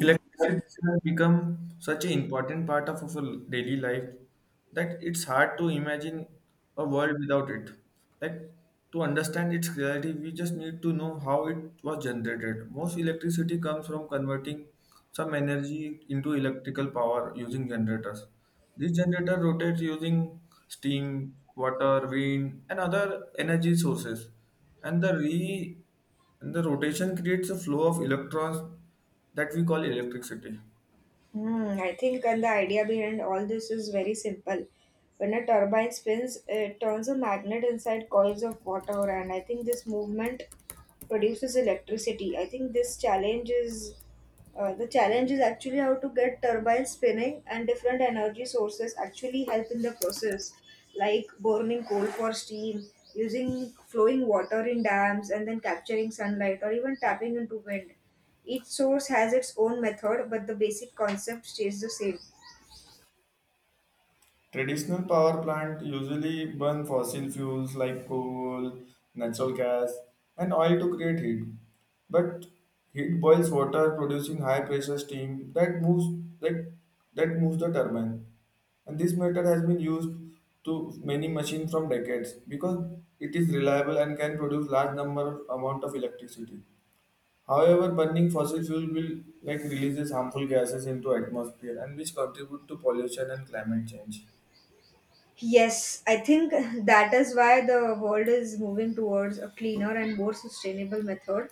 Electricity has become such an important part of our daily life that it's hard to imagine a world without it. Like to understand its clarity, we just need to know how it was generated. Most electricity comes from converting some energy into electrical power using generators. This generator rotates using steam, water, wind, and other energy sources. And the and the rotation creates a flow of electrons that we call electricity. Hmm, I think and the idea behind all this is very simple. When a turbine spins, it turns a magnet inside coils of water, and I think this movement produces electricity. I think this challenge is the challenge is actually how to get turbines spinning, and different energy sources actually help in the process, like burning coal for steam, using flowing water in dams, and then capturing sunlight, or even tapping into wind. Each source has its own method, but the basic concept stays the same. Traditional power plant usually burn fossil fuels like coal, natural gas, and oil to create heat. But heat boils water, producing high pressure steam that moves that, that moves the turbine. And this method has been used to many machines from decades because it is reliable and can produce large number amount of electricity. However, burning fossil fuel will like releases harmful gases into atmosphere and which contribute to pollution and climate change. Yes, I think that is why the world is moving towards a cleaner and more sustainable method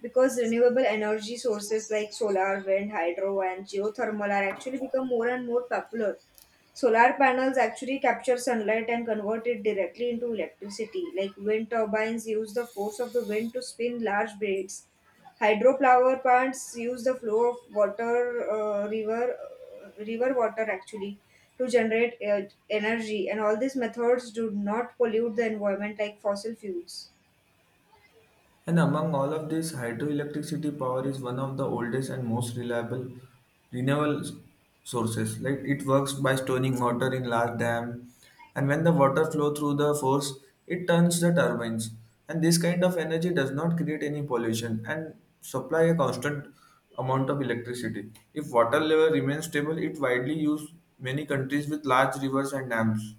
because renewable energy sources like solar, wind, hydro, and geothermal are actually become more and more popular. Solar panels actually capture sunlight and convert it directly into electricity. Like wind turbines use the force of the wind to spin large blades, hydropower plants use the flow of water river water actually to generate energy, and all these methods do not pollute the environment like fossil fuels. And among all of this, hydroelectricity power is one of the oldest and most reliable renewable s- sources. Like it works by storing water in large dam, and when the water flow through the force, it turns the turbines. And this kind of energy does not create any pollution and supply a constant amount of electricity. If water level remains stable, it widely used many countries with large rivers and dams.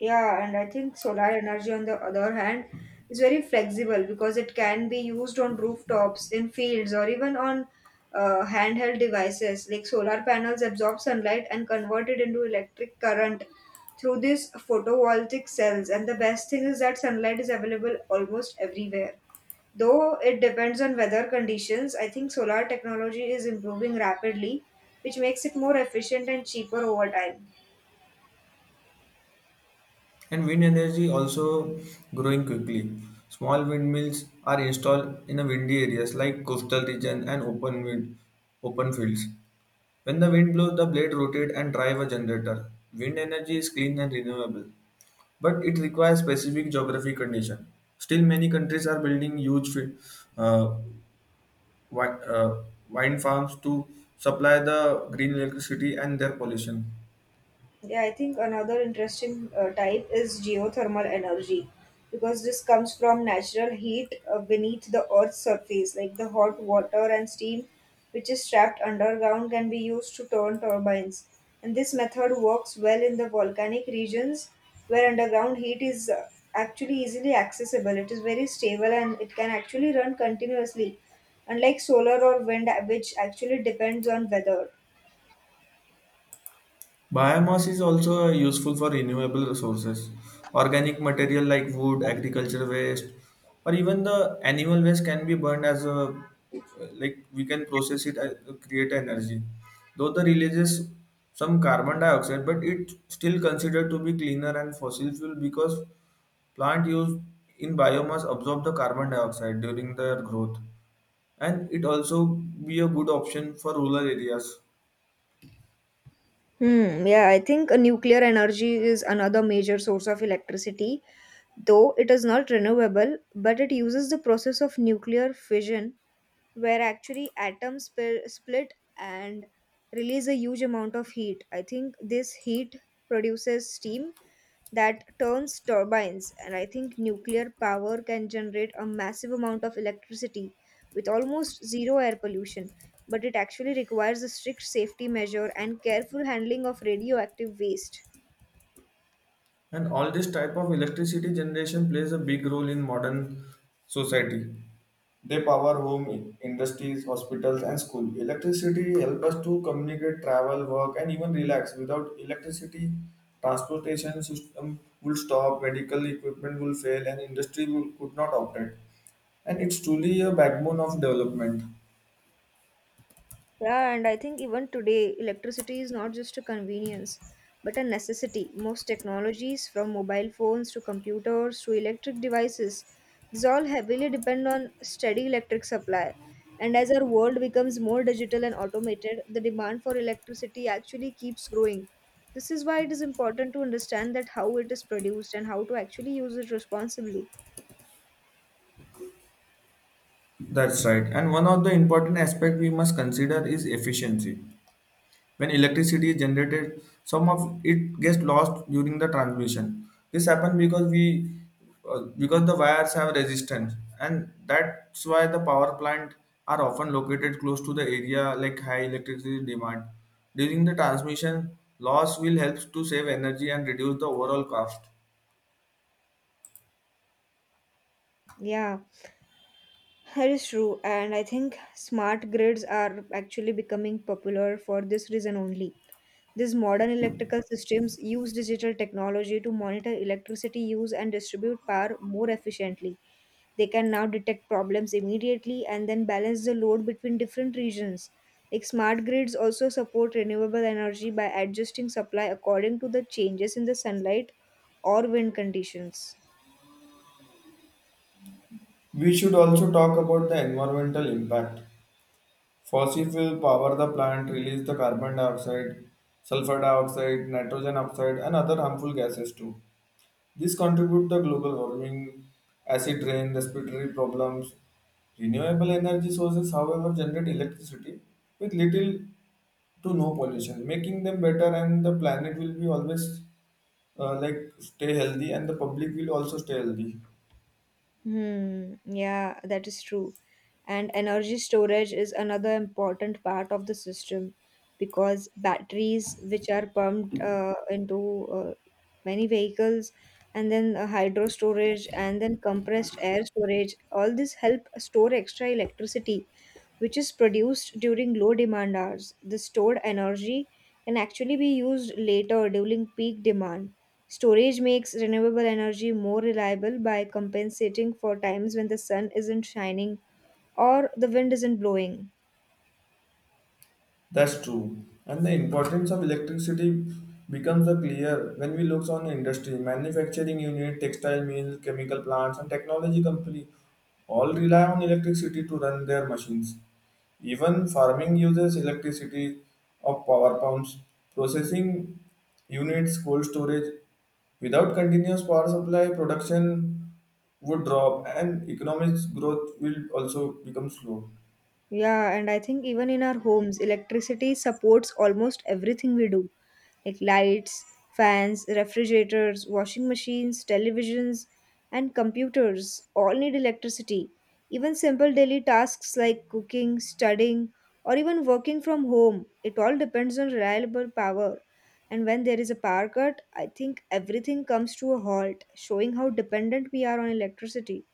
Yeah, and I think solar energy, on the other hand, is very flexible because it can be used on rooftops, in fields, or even on handheld devices. Like solar panels absorb sunlight and convert it into electric current through these photovoltaic cells. And the best thing is that sunlight is available almost everywhere. Though it depends on weather conditions, I think solar technology is improving rapidly, which makes it more efficient and cheaper over time. And wind energy also growing quickly. Small windmills are installed in a windy areas like coastal region and open wind, open fields. When the wind blows, the blade rotate and drive a generator. Wind energy is clean and renewable, but it requires specific geography condition. Still, many countries are building uh, wind farms to supply the green electricity and their pollution. Yeah, I think another interesting type is geothermal energy because this comes from natural heat beneath the earth's surface, like the hot water and steam which is trapped underground can be used to turn turbines. And this method works well in the volcanic regions where underground heat is actually easily accessible. It is very stable and it can actually run continuously, unlike solar or wind, which actually depends on weather. Biomass is also useful for renewable resources. Organic material like wood, agriculture waste, or even the animal waste can be burned as a like we can process it as create energy. Though the releases some carbon dioxide, but it still considered to be cleaner than fossil fuel because plant used in biomass absorb the carbon dioxide during their growth, and it also be a good option for rural areas. Yeah, I think nuclear energy is another major source of electricity, though it is not renewable, but it uses the process of nuclear fission, where actually split and release a huge amount of heat. I think this heat produces steam that turns turbines, and I think nuclear power can generate a massive amount of electricity with almost zero air pollution, but it actually requires a strict safety measure and careful handling of radioactive waste. And all this type of electricity generation plays a big role in modern society. They power home, industries, hospitals, and school. Electricity help us to communicate, travel, work, and even relax. Without electricity, transportation system will stop, medical equipment will fail, and industry will, could not operate. And it's truly a backbone of development. Yeah, and I think even today, electricity is not just a convenience, but a necessity. Most technologies, from mobile phones to computers to electric devices, these all heavily depend on steady electric supply. And as our world becomes more digital and automated, the demand for electricity actually keeps growing. This is why it is important to understand that how it is produced and how to actually use it responsibly. That's right. And one of the important aspect we must consider is efficiency. When electricity is generated, some of it gets lost during the transmission. This happens because the wires have resistance, and that's why the power plant are often located close to the area like high electricity demand. During the transmission, loss will help to save energy and reduce the overall cost. Yeah. That is true, and I think smart grids are actually becoming popular for this reason only. These modern electrical systems use digital technology to monitor electricity use and distribute power more efficiently. They can now detect problems immediately and then balance the load between different regions. Like smart grids also support renewable energy by adjusting supply according to the changes in the sunlight or wind conditions. We should also talk about the environmental impact. Fossil fuel power the plant, release the carbon dioxide, sulfur dioxide, nitrogen oxide, and other harmful gases too. These contribute to global warming, acid rain, respiratory problems. Renewable energy sources, however, generate electricity with little to no pollution, making them better, and the planet will be always like stay healthy, and the public will also stay healthy. Hmm, yeah, that is true. And energy storage is another important part of the system because batteries, which are pumped into many vehicles, and then hydro storage, and then compressed air storage, all this help store extra electricity which is produced during low demand hours. The stored energy can actually be used later during peak demand. Storage makes renewable energy more reliable by compensating for times when the sun isn't shining or the wind isn't blowing. That's true. And the importance of electricity becomes a clear when we look on industry, manufacturing unit, textile mills, chemical plants, and technology company all rely on electricity to run their machines. Even farming uses electricity of power pumps, processing units, cold storage. Without continuous power supply, production would drop and economic growth will also become slow. Yeah, and I think even in our homes, electricity supports almost everything we do. Like lights, fans, refrigerators, washing machines, televisions, and computers all need electricity. Even simple daily tasks like cooking, studying, or even working from home, it all depends on reliable power. And when there is a power cut, I think everything comes to a halt, showing how dependent we are on electricity.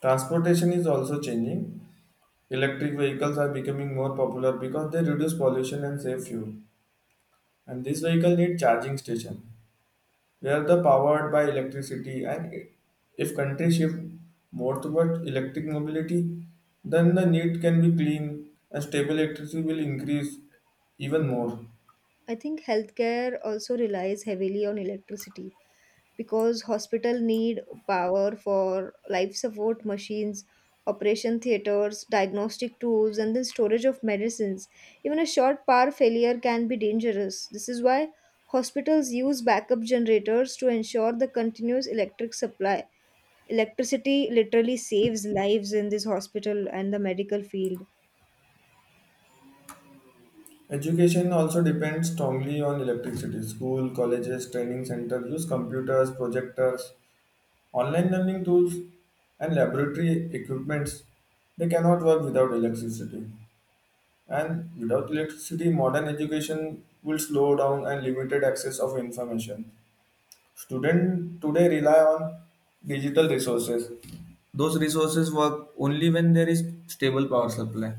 Transportation is also changing. Electric vehicles are becoming more popular because they reduce pollution and save fuel. And these vehicles need charging station. They are the powered by electricity, and if countries shift more towards electric mobility, then the need can be clean and stable electricity will increase even more. I think healthcare also relies heavily on electricity because hospital need power for life support machines, operation theaters, diagnostic tools, and then storage of medicines. Even a short power failure can be dangerous. This is why hospitals use backup generators to ensure the continuous electric supply. Electricity literally saves lives in this hospital and the medical field. Education also depends strongly on electricity. School, colleges, training centers use computers, projectors, online learning tools, and laboratory equipments. They cannot work without electricity. And without electricity, modern education will slow down and limited access of information. Students today rely on digital resources, those resources work only when there is stable power supply.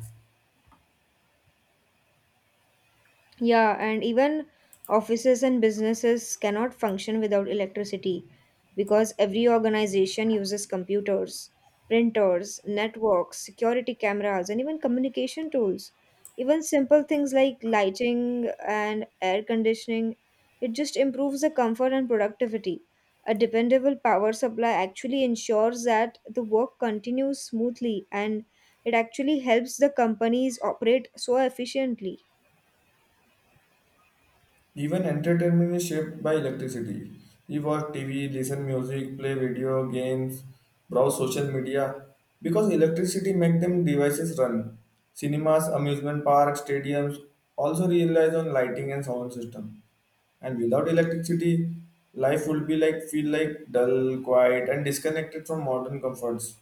Yeah, and even offices and businesses cannot function without electricity because every organization uses computers, printers, networks, security cameras, and even communication tools. Even simple things like lighting and air conditioning, it just improves the comfort and productivity. A dependable power supply actually ensures that the work continues smoothly, and it actually helps the companies operate so efficiently. Even entertainment is shaped by electricity. We watch TV, listen music, play video games, browse social media because electricity make them devices run. Cinemas, amusement parks, stadiums also rely on lighting and sound system. And without electricity, life would be like feel like dull, quiet, and disconnected from modern comforts.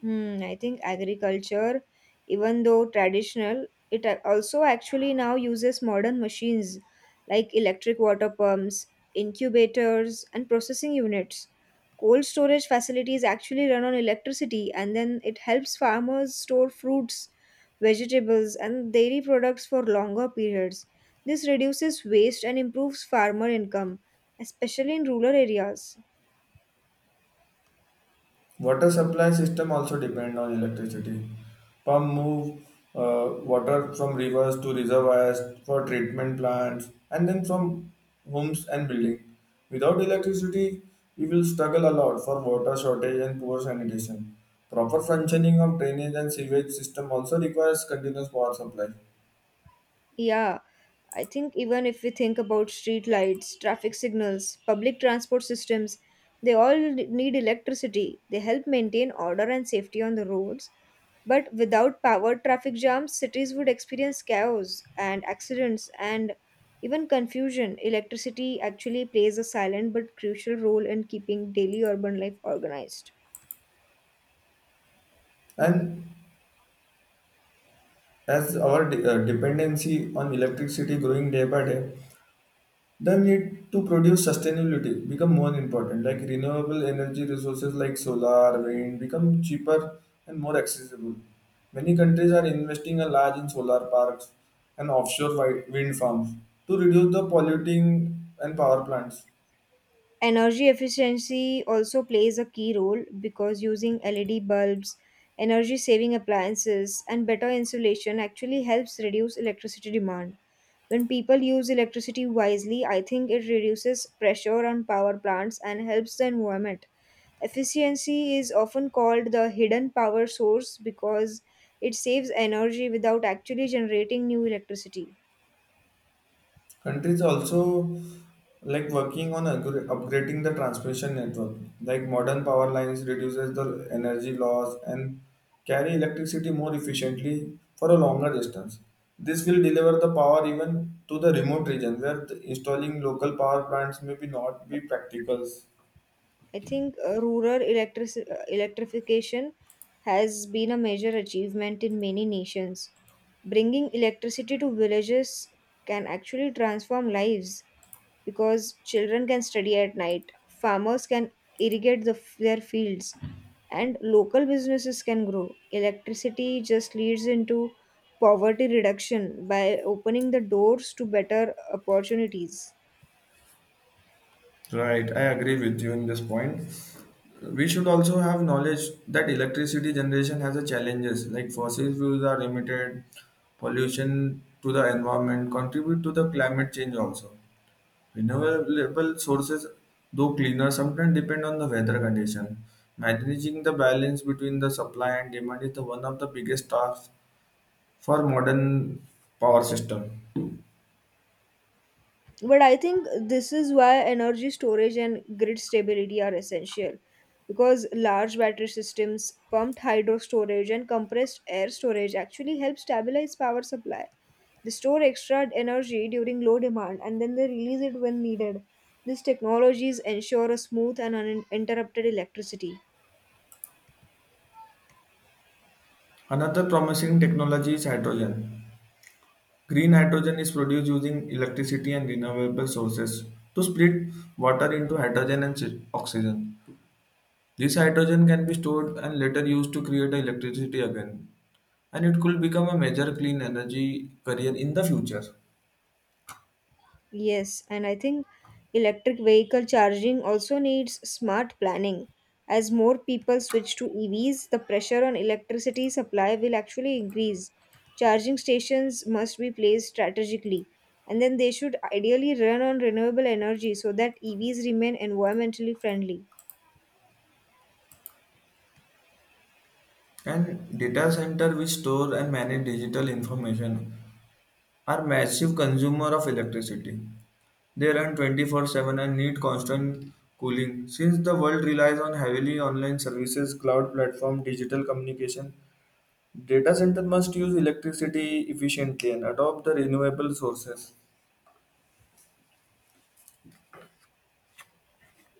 Hmm, I think agriculture, even though traditional, also actually now uses modern machines like electric water pumps, incubators, and processing units. Cold storage facilities actually run on electricity, and then it helps farmers store fruits, vegetables, and dairy products for longer periods. This reduces waste and improves farmer income, especially in rural areas. Water supply system also depend on electricity. Pump move water from rivers to reservoirs for treatment plants and then from homes and building. Without electricity, we will struggle a lot for water shortage and poor sanitation. Proper functioning of drainage and sewage system also requires continuous power supply. Yeah. I think even if we think about street lights, traffic signals, public transport systems, they all need electricity. They help maintain order and safety on the roads. But without power traffic jams, cities would experience chaos and accidents and even confusion. Electricity actually plays a silent but crucial role in keeping daily urban life organized. And as our dependency on electricity growing day by day, the need to produce sustainability become more important like renewable energy resources like solar wind become cheaper and more accessible, many countries are investing a large in solar parks and offshore wind farms to reduce the polluting and power plants. Energy efficiency also plays a key role because using LED bulbs, energy saving appliances, and better insulation actually helps reduce electricity demand. When people use electricity wisely, I think it reduces pressure on power plants and helps the environment. Efficiency is often called the hidden power source because it saves energy without actually generating new electricity. Countries also like working on upgrading the transmission network. Like modern power lines reduces the energy loss and carry electricity more efficiently for a longer distance. This will deliver the power even to the remote region where the installing local power plants may be not be practical. I think rural electric electrification has been a major achievement in many nations. Bringing electricity to villages can actually transform lives because children can study at night, farmers can their fields, and local businesses can grow. Electricity just leads into poverty reduction by opening the doors to better opportunities. Right, I agree with you in this point. We should also have knowledge that electricity generation has a challenges like fossil fuels are limited, pollution to the environment contribute to the climate change also, renewable sources though cleaner sometimes depend on the weather condition. Managing the balance between the supply and demand is the one of the biggest tasks for modern power system. But I think this is why energy storage and grid stability are essential because large battery systems, pumped hydro storage, and compressed air storage actually help stabilize power supply. They store extra energy during low demand and then they release it when needed. These technologies ensure a smooth and uninterrupted electricity. Another promising technology is hydrogen. Green hydrogen is produced using electricity and renewable sources to split water into hydrogen and oxygen. This hydrogen can be stored and later used to create electricity again, and it could become a major clean energy career in the future. Yes, and I think electric vehicle charging also needs smart planning. As more people switch to EVs, the pressure on electricity supply will actually increase. Charging stations must be placed strategically, and then they should ideally run on renewable energy so that EVs remain environmentally friendly. And data center which store and manage digital information are massive consumer of electricity. They run 24/7 and need constant cooling. Since the world relies on heavily online services, cloud platform, digital communication, data center must use electricity efficiently and adopt the renewable sources.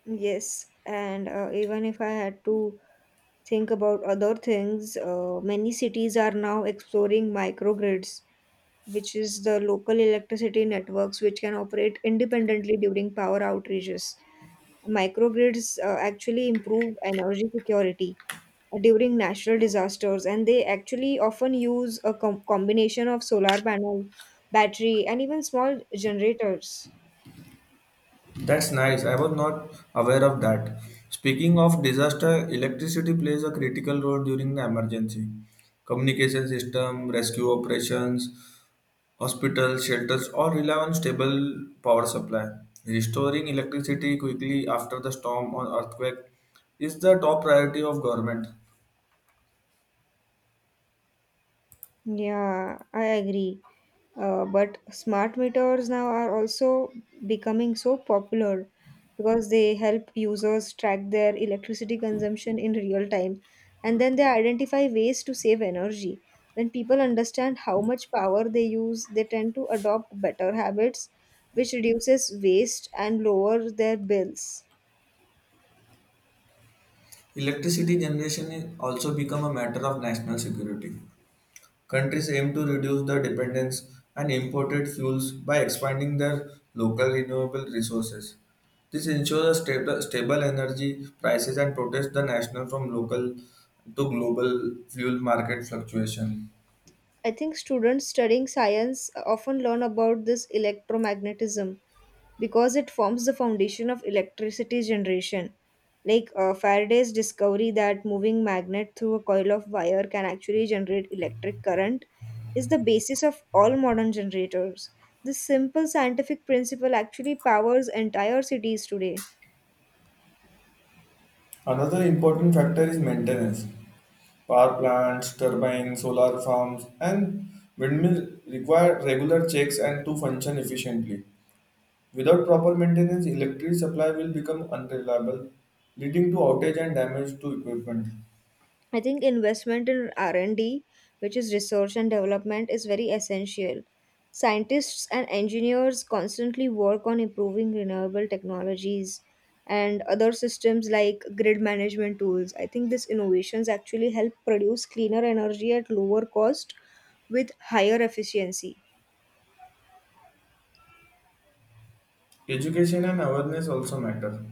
Yes, and even if I had to think about other things, many cities are now exploring microgrids which is the local electricity networks which can operate independently during power outages. Microgrids actually improve energy security during natural disasters, and they actually often use a combination of solar panel, battery, and even small generators. That's nice. I was not aware of that. Speaking of disaster, electricity plays a critical role during the emergency. Communication system, rescue operations, hospitals, shelters all rely on stable power supply. Restoring electricity quickly after the storm or earthquake is the top priority of government. Yeah, I agree. But smart meters now are also becoming so popular because they help users track their electricity consumption in real time, and then they identify ways to save energy. When people understand how much power they use, they tend to adopt better habits, which reduces waste and lowers their bills. Electricity generation is also become a matter of national security. Countries aim to reduce their dependence on imported fuels by expanding their local renewable resources. This ensures a stable energy prices and protects the national from local to global fuel market fluctuation. I think students studying science often learn about this electromagnetism because it forms the foundation of electricity generation. Like Faraday's discovery that moving magnet through a coil of wire can actually generate electric current is the basis of all modern generators. This simple scientific principle actually powers entire cities today. Another important factor is maintenance. Power plants, turbines, solar farms, and windmills require regular checks and to function efficiently. Without proper maintenance, electricity supply will become unreliable, leading to outage and damage to equipment. I think investment in R&D, which is research and development, is very essential. Scientists and engineers constantly work on improving renewable technologies and other systems like grid management tools. I think these innovations actually help produce cleaner energy at lower cost with higher efficiency. Education and awareness also matter.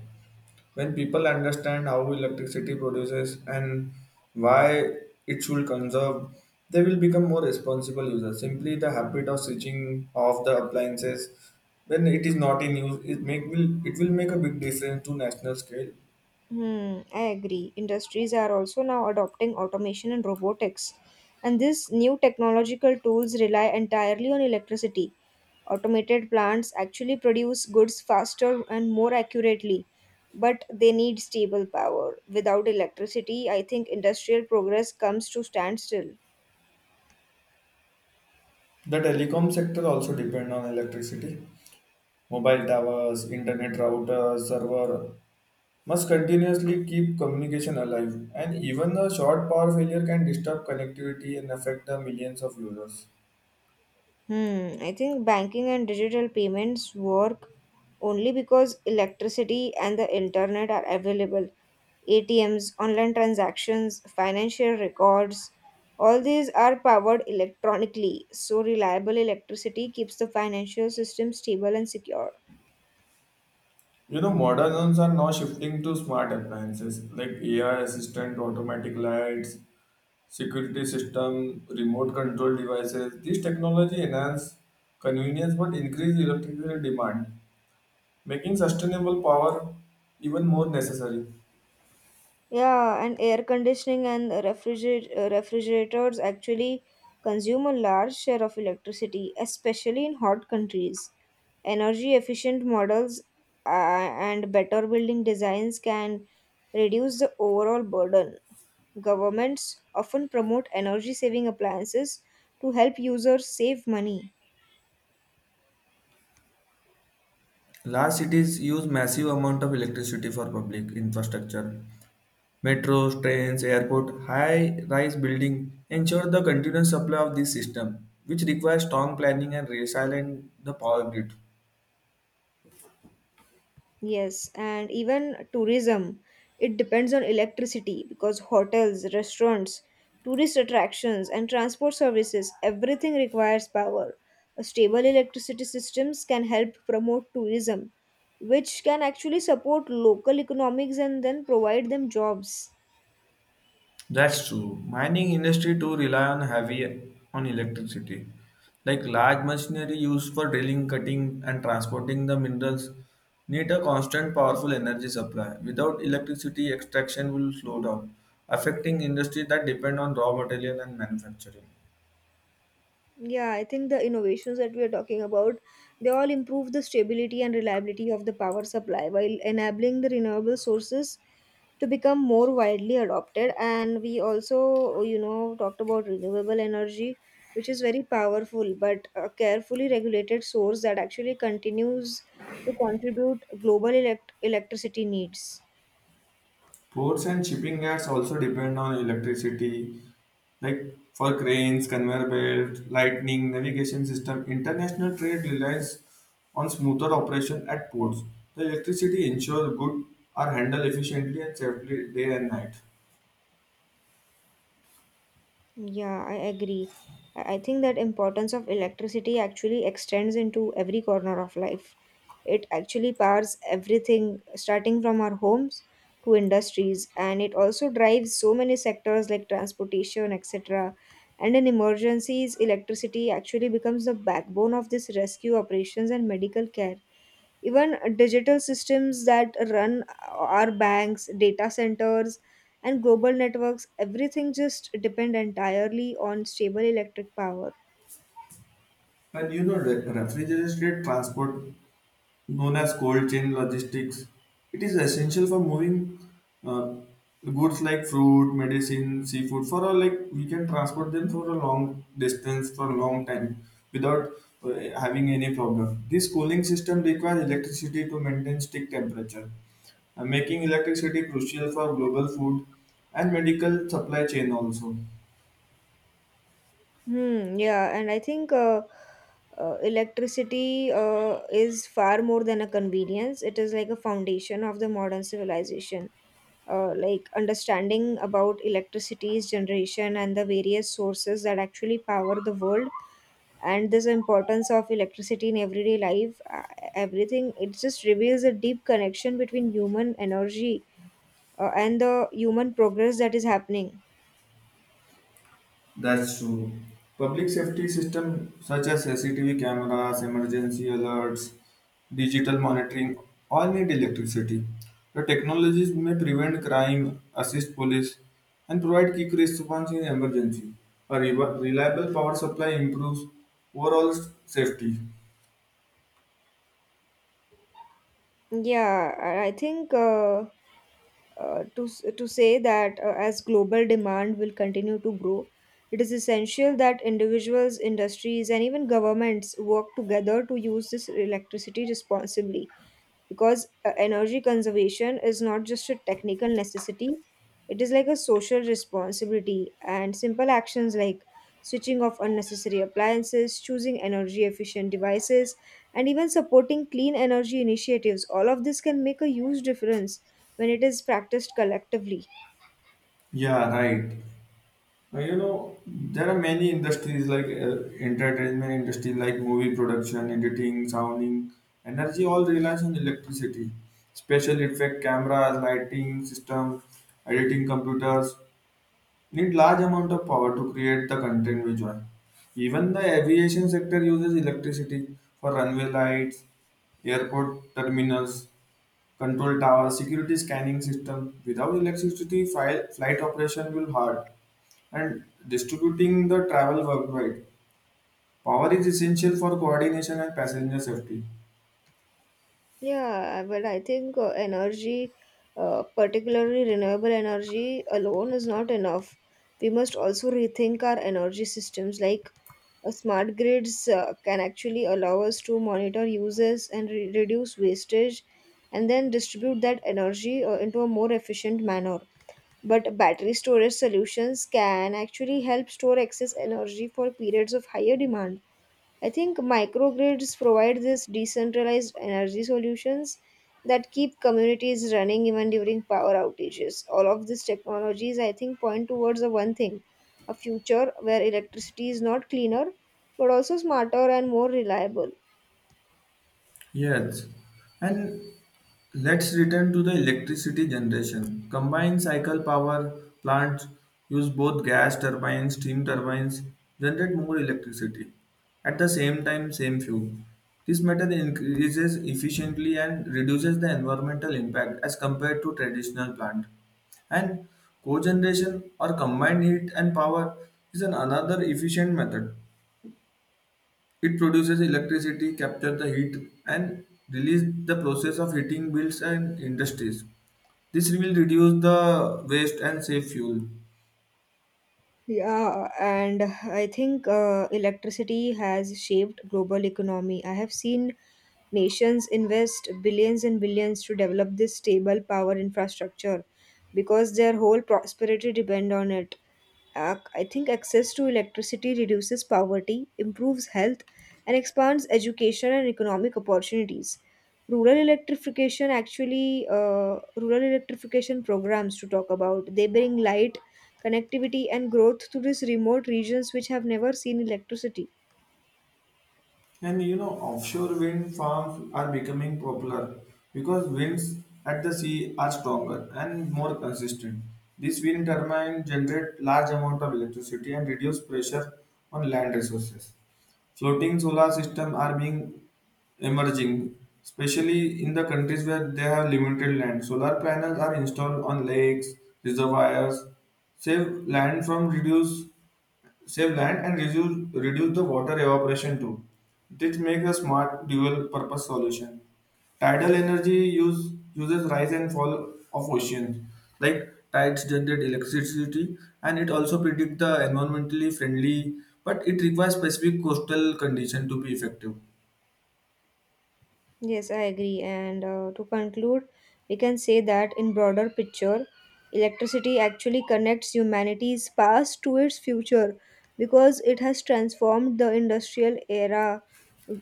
When people understand how electricity produces and why it should conserve, they will become more responsible users. Simply the habit of switching off the appliances when it is not in use, it will make a big difference to national scale. Hmm, I agree. Industries are also now adopting automation and robotics, and these new technological tools rely entirely on electricity. Automated plants actually produce goods faster and more accurately, but they need stable power. Without electricity, I think industrial progress comes to standstill. The telecom sector also depend on electricity. Mobile towers, internet routers, server must continuously keep communication alive, and even a short power failure can disturb connectivity and affect the millions of users. Hmm, I think banking and digital payments work only because electricity and the internet are available. ATMs, online transactions, financial records, all these are powered electronically, so reliable electricity keeps the financial system stable and secure. You know, modern homes are now shifting to smart appliances like AI assistant, automatic lights, security system, remote control devices. These technology enhance convenience but increase electricity demand, making sustainable power even more necessary. Yeah, and air conditioning and refrigerators actually consume a large share of electricity, especially in hot countries. Energy efficient models and better building designs can reduce the overall burden. Governments often promote energy saving appliances to help users save money. Large cities use massive amount of electricity for public infrastructure. Metros, trains, airport, high-rise building ensure the continuous supply of this system, which requires strong planning and resilient the power grid. Yes, and even tourism, it depends on electricity because hotels, restaurants, tourist attractions, and transport services, everything requires power. A stable electricity systems can help promote tourism, which can actually support local economics and then provide them jobs. That's true. Mining industry too rely on heavy on electricity, like large machinery used for drilling, cutting, and transporting the minerals need a constant powerful energy supply. Without electricity, extraction will slow down, affecting industry that depend on raw material and manufacturing. Yeah, I think the innovations that we are talking about, they all improve the stability and reliability of the power supply while enabling the renewable sources to become more widely adopted. And we also, you know, talked about renewable energy, which is very powerful, but a carefully regulated source that actually continues to contribute global electricity needs. Ports and shipping yards also depend on electricity, like for cranes, conveyor belts, lightning, navigation system. International trade relies on smoother operation at ports. The electricity ensures goods are handled efficiently and safely day and night. Yeah, I agree. I think that importance of electricity actually extends into every corner of life. It actually powers everything, starting from our homes to industries, and it also drives so many sectors like transportation, etc. And in emergencies, electricity actually becomes the backbone of this rescue operations and medical care, even digital systems that run our banks, data centers, and global networks. Everything just depend entirely on stable electric power. And you know, the refrigerated transport known as cold chain logistics. It is essential for moving uh, goods like fruit, medicine, seafood for a like we can transport them for a long distance for a long time without uh, having any problem. This cooling system requires electricity to maintain stick temperature, making electricity crucial for global food and medical supply chain also. Hmm, yeah, and I think electricity is far more than a convenience. It is like a foundation of the modern civilization. Like understanding about electricity's generation and the various sources that actually power the world, and this importance of electricity in everyday life, everything, it just reveals a deep connection between human energy and the human progress that is happening. That's true. Public safety systems such as CCTV cameras, emergency alerts, digital monitoring all need electricity. The technologies may prevent crime, assist police, and provide quick response in emergency. A reliable power supply improves overall safety. Yeah, I think to say that as global demand will continue to grow, it is essential that individuals, industries, and even governments work together to use this electricity responsibly, because energy conservation is not just a technical necessity, it is like a social responsibility. And simple actions like switching off unnecessary appliances, choosing energy efficient devices, and even supporting clean energy initiatives, all of this can make a huge difference when it is practiced collectively. Yeah, right. You know, there are many industries like entertainment industry, like movie production, editing, sounding, energy, all relies on electricity. Special effect cameras, lighting system, editing computers need large amount of power to create the content visual. Even the aviation sector uses electricity for runway lights, airport terminals. Control tower, security scanning system. Without electricity, file, flight operation will hard. And distributing the travel worldwide. Power is essential for coordination and passenger safety. Yeah, but I think energy, particularly renewable energy alone is not enough. We must also rethink our energy systems. Like, smart grids can actually allow us to monitor uses and reduce wastage, and then distribute that energy into a more efficient manner. But battery storage solutions can actually help store excess energy for periods of higher demand. I think microgrids provide this decentralized energy solutions that keep communities running even during power outages. All of these technologies, I think, point towards the one thing: a future where electricity is not cleaner, but also smarter and more reliable. Yes, and let's return to the electricity generation. Combined cycle power plants use both gas turbines, steam turbines, generate more electricity at the same time, same fuel. This method increases efficiently and reduces the environmental impact as compared to traditional plant. And cogeneration or combined heat and power is an another efficient method, it produces electricity, captures the heat, and release the process of heating bills and industries. This will reduce the waste and save fuel. Yeah, and I think electricity has shaped global economy. I have seen nations invest billions and billions to develop this stable power infrastructure because their whole prosperity depend on it. I think access to electricity reduces poverty, improves health, and expands education and economic opportunities. Rural electrification actually, rural electrification programs to talk about, they bring light, connectivity, and growth to these remote regions which have never seen electricity. And you know, offshore wind farms are becoming popular because winds at the sea are stronger and more consistent. These wind turbines generate large amount of electricity and reduce pressure on land resources. Floating solar systems are being emerging, especially in the countries where they have limited land. Solar panels are installed on lakes, reservoirs, save land from reduce save land and reduce the water evaporation too. This makes a smart dual purpose solution. Tidal energy uses rise and fall of oceans. Like tides generate electricity and it also predict the environmentally friendly, but it requires specific coastal condition to be effective. Yes, I agree. And to conclude, we can say that in broader picture, electricity actually connects humanity's past to its future, because it has transformed the industrial era,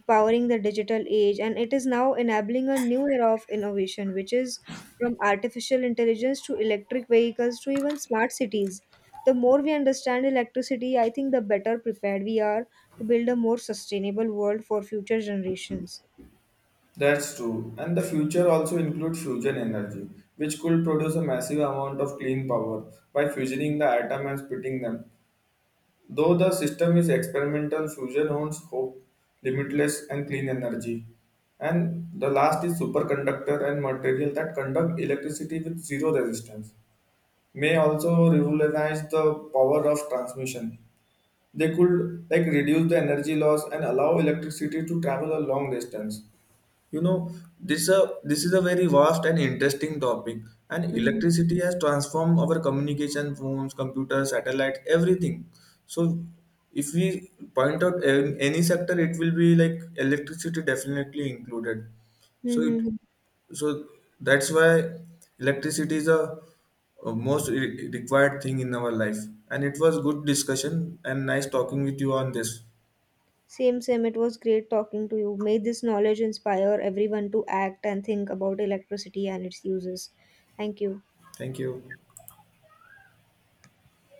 powering the digital age, and it is now enabling a new era of innovation, which is from artificial intelligence to electric vehicles to even smart cities. The more we understand electricity, I think the better prepared we are to build a more sustainable world for future generations. That's true. And the future also includes fusion energy, which could produce a massive amount of clean power by fusioning the atom and splitting them. Though the system is experimental, fusion holds hope, limitless and clean energy. And the last is superconductor and material that conduct electricity with zero resistance may also revolutionize the power of transmission. They could like reduce the energy loss and allow electricity to travel a long distance. You know, this is a very vast and interesting topic. And Mhm. electricity has transformed our communication, phones, computers, satellite, everything. So, if we point out any sector, it will be like electricity definitely included. So it Mm-hmm. so that's why electricity is a most required thing in our life. And it was good discussion and nice talking with you on this. Same, same. It was great talking to you. May this knowledge inspire everyone to act and think about electricity and its uses. Thank you. Thank you.